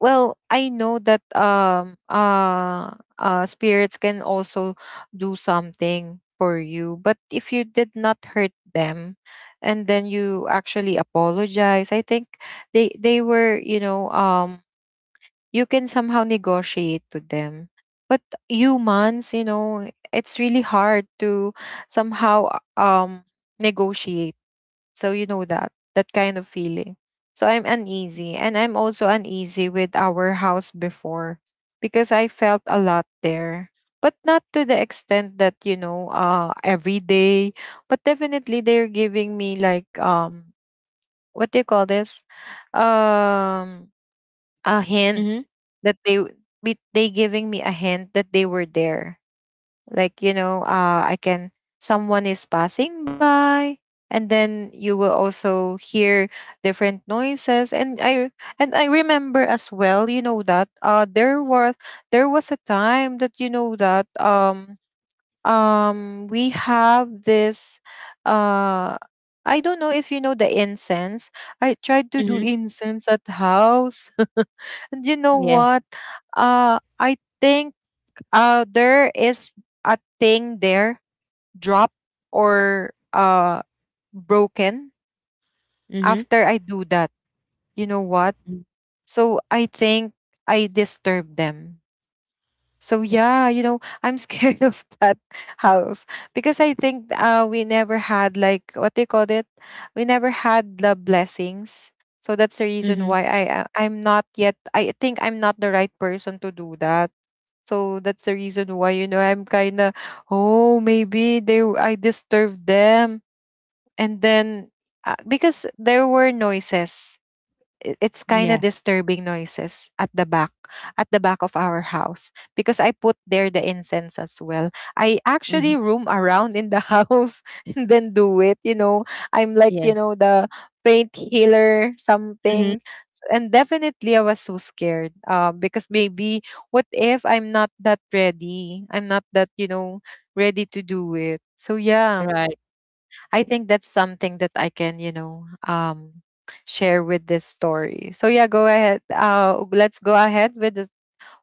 [SPEAKER 1] Well, I know that spirits can also do something for you, but if you did not hurt them and then you actually apologize, I think they were, you can somehow negotiate to them. But humans, you know, it's really hard to somehow negotiate, so you know that that kind of feeling. So I'm uneasy, and I'm also uneasy with our house before because I felt a lot there. But not to the extent that, you know, every day, but definitely they're giving me like what do you call this? Um a hint
[SPEAKER 2] Mhm,
[SPEAKER 1] that they giving me a hint that they were there, like I can, someone is passing by, and then you will also hear different noises. And I remember as well, you know, that there was a time that, we have this uh I don't know if you know the incense. I tried to do
[SPEAKER 2] mhm.
[SPEAKER 1] incense at house. And you know
[SPEAKER 2] Yes.
[SPEAKER 1] what? I think there is a thing there dropped or broken
[SPEAKER 2] Mhm,
[SPEAKER 1] after I do that. You know what?
[SPEAKER 2] mm,
[SPEAKER 1] So I think I disturb them. So yeah, you know, I'm scared of that house because I think we never had like what they call it? We never had the blessings. So that's the
[SPEAKER 2] mhm.
[SPEAKER 1] reason why I'm not yet, I think I'm not the right person to do that. So that's the reason why, you know, I'm kind of, oh maybe I disturbed them, and then because there were noises, it's kind
[SPEAKER 2] Yeah.
[SPEAKER 1] of disturbing noises at the back, at the back of our house because I put there the incense as well. I
[SPEAKER 2] Mhm.
[SPEAKER 1] actually roam around in the house and then do it, you know, I'm like, you
[SPEAKER 2] Yes.
[SPEAKER 1] know, the faint healer
[SPEAKER 2] Mhm.
[SPEAKER 1] something. And definitely I was so scared, because maybe what if I'm not that ready, I'm not that, you know, ready to do it, so yeah.
[SPEAKER 2] Right.
[SPEAKER 1] I think that's something that I can, share with this story. So yeah, go ahead. Let's go ahead with the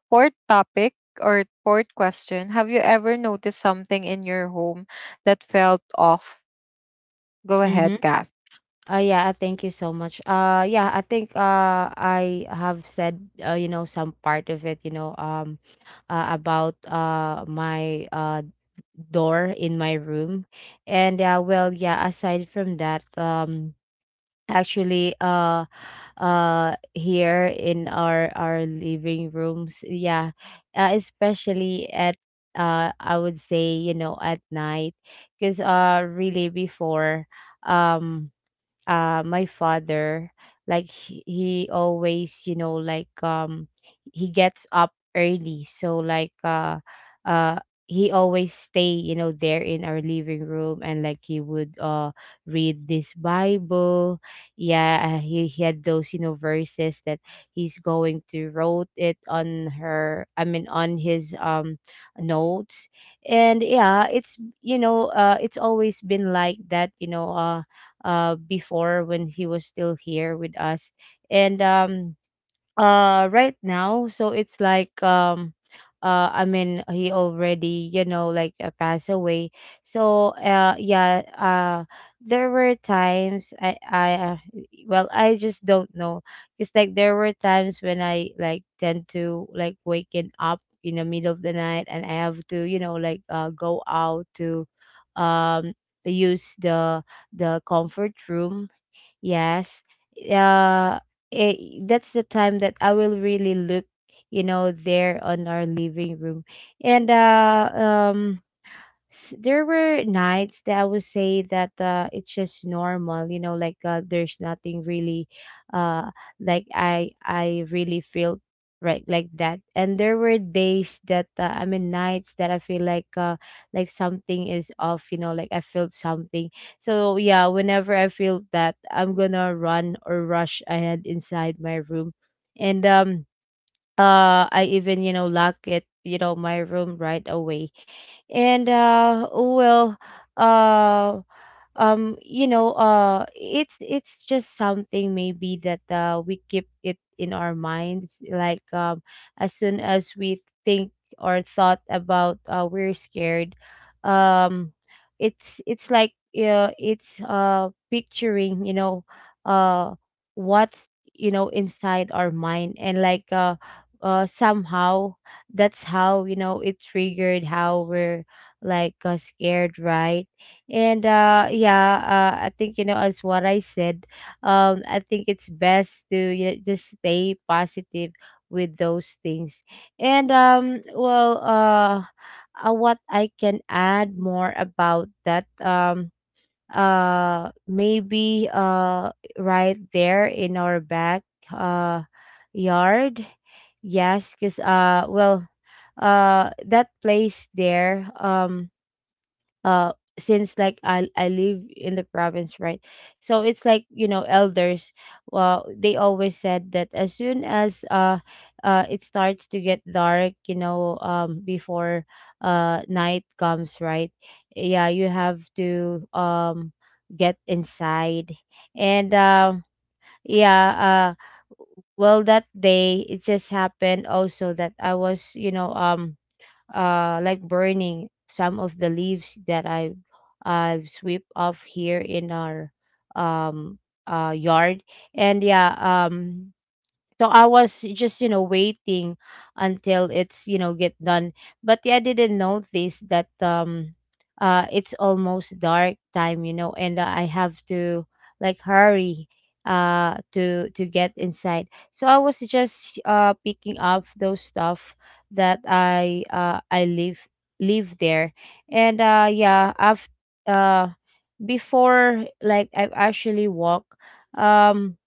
[SPEAKER 1] fourth topic, or fourth question. Have you ever noticed something in your home that felt off? Go ahead,
[SPEAKER 2] Mhm.
[SPEAKER 1] Kath.
[SPEAKER 2] Yeah, I thank you so much. Yeah, I think I have said, you know, some part of it, you know, about my door in my room. And well, yeah, aside from that, actually, here in our living rooms, yeah, especially at, I would say, you know, at night, because really, before, um, my father, like he always, you know, like he gets up early. So like uh he always stay, you know, there in our living room, and like he would read this bible. Yeah, he had those, you know, verses that he's going to wrote it on her I mean on his notes. And yeah, it's, you know, it's always been like that, you know, before when he was still here with us. And right now, so it's like, he already, you know, like, passed away. So yeah, there were times I well, I just don't know. Just like there were times when I like tend to like waking up in the middle of the night, and I have to, you know, like go out to, um use the comfort room. Yes. Uh eh, that's the time that I will really look, you know, there on our living room. And there were nights that I would say that it's just normal, you know, like there's nothing really, uh, like I really feel right, like that. And there were days that I mean, nights that I feel like something is off, you know, like I felt something. So yeah, whenever I feel that, I'm gonna run or rush ahead inside my room, and I even, you know, lock it, you know, my room right away. And well, uh you know, it's, just something, maybe, that we keep it in our minds, like as soon as we think, or thought about, we're scared. um it's, like it's picturing, you know, uh what's, you know, inside our mind. And like somehow, that's how, you know, it triggered how we're, like scared, right? And yeah, I think, you know, as what I said, I think it's best to, you know, just stay positive with those things. And well, what I can add more about that, maybe right there in our back uh yard. Yes, cuz well, that place there, uh since like I live in the province, right? So it's like, you know, elders, well, they always said that as soon as it starts to get dark, you know, before night comes, right? Yeah, you have to, get inside. And yeah, well, that day, it just happened also that I was, you know, like burning some of the leaves that I've sweep off here in our, um yard. And yeah, um so I was just, you know, waiting until it's, you know, get done. But yeah, I didn't notice that, it's almost dark time, you know, and I have to like hurry, to get inside. So I was just picking up those stuff that I leave, leave there. And yeah, after uh before like I've actually walked, um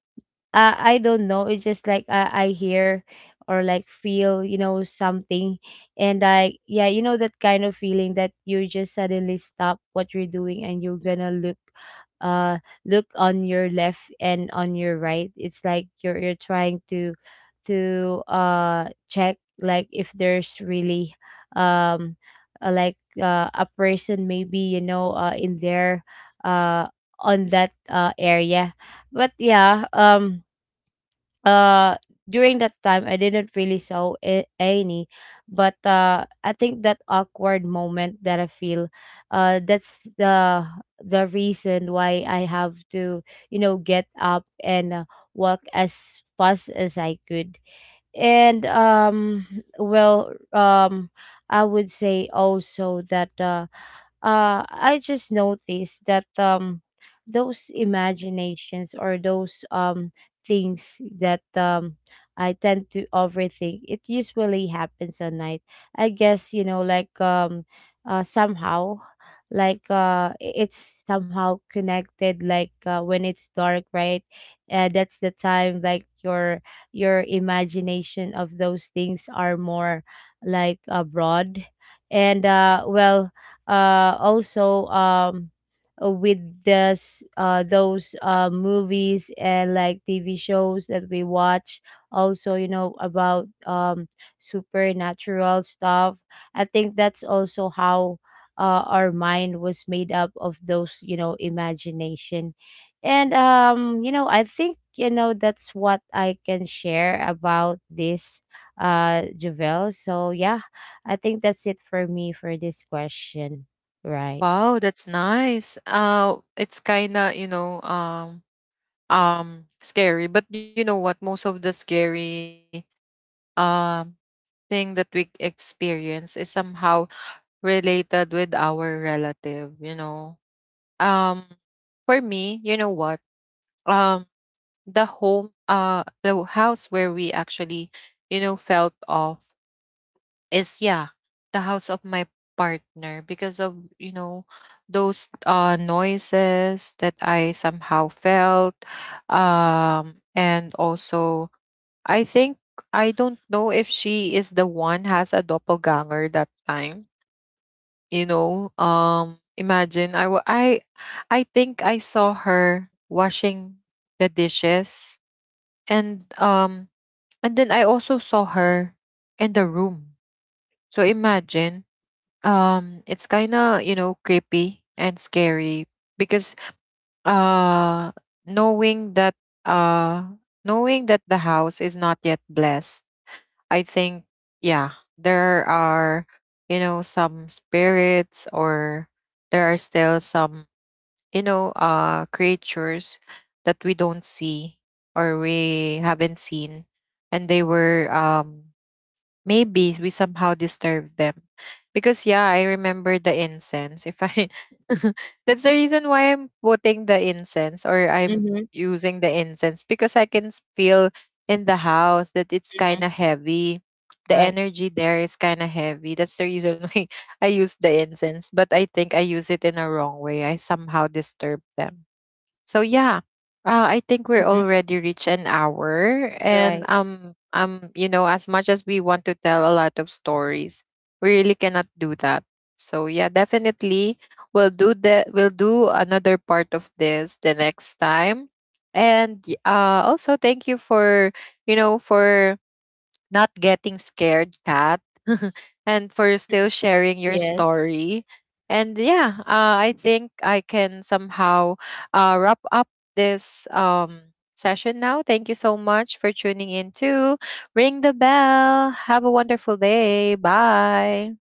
[SPEAKER 2] I don't know, it's just like I hear or like feel, you know, something. And I, yeah, you know, that kind of feeling that you just suddenly stop what you're doing, and you're gonna look, uh, look on your left and on your right. It's like you're trying to check like if there's really, um, like a person, maybe, you know, in there, uh on that area. But yeah, uh during that time, I didn't really show, any. But I think that awkward moment that I feel, that's the reason why I have to, you know, get up and walk as fast as I could. And well, I would say also that, I just noticed that, those imaginations, or those, things that, I tend to overthink, it usually happens at night. I guess, you know, like, somehow, like it's somehow connected, like when it's dark, right? That's the time, like your imagination of those things are more like abroad. And well, also with this those movies and like TV shows that we watch also, you know, about, supernatural stuff, I think that's also how, our mind was made up of those, you know, imagination. And you know, I think, you know, that's what I can share about this, Javel. So yeah, I think that's it for me for this question. Right.
[SPEAKER 1] Wow, that's nice. It's kind of, scary, but you know what? Most of the scary um thing that we experience is somehow related with our relative, you know. Um for me, you know what? Um the home, the house where we actually, you know, felt off is, yeah, the house of my partner because of, you know, those noises that I somehow felt, and also I think I don't know if she is the one has a doppelganger that time. You know, imagine I think I saw her washing the dishes, and um, and then I also saw her in the room. So imagine, it's kind of, you know, creepy and scary because uh, knowing that, uh, knowing that the house is not yet blessed, I think, yeah, there are, you know, some spirits, or there are still some, creatures that we don't see or we haven't seen. And they were, maybe we somehow disturbed them because, yeah, I remember the incense if i. That's the reason why I'm putting the incense, or I'm
[SPEAKER 2] Mm-hmm.
[SPEAKER 1] using the incense, because I can feel in the house that it's kind
[SPEAKER 2] Mm-hmm.
[SPEAKER 1] of heavy. The
[SPEAKER 2] Right.
[SPEAKER 1] energy there is kind of heavy. That's the reason why I use the incense, but I think I use it in a wrong way. I somehow disturbed them. So yeah, I think we're
[SPEAKER 2] Mm-hmm.
[SPEAKER 1] already reached an hour, and
[SPEAKER 2] Right.
[SPEAKER 1] you know, as much as we want to tell a lot of stories, we really cannot do that. So yeah, definitely we'll do that. We'll do another part of this the next time, and also thank you for, you know, for not getting scared, cat, and for still sharing your
[SPEAKER 2] Yes.
[SPEAKER 1] story, and yeah, I think I can somehow, wrap up this session now. Thank you so much for tuning in to Ring the Bell. Have a wonderful day. Bye.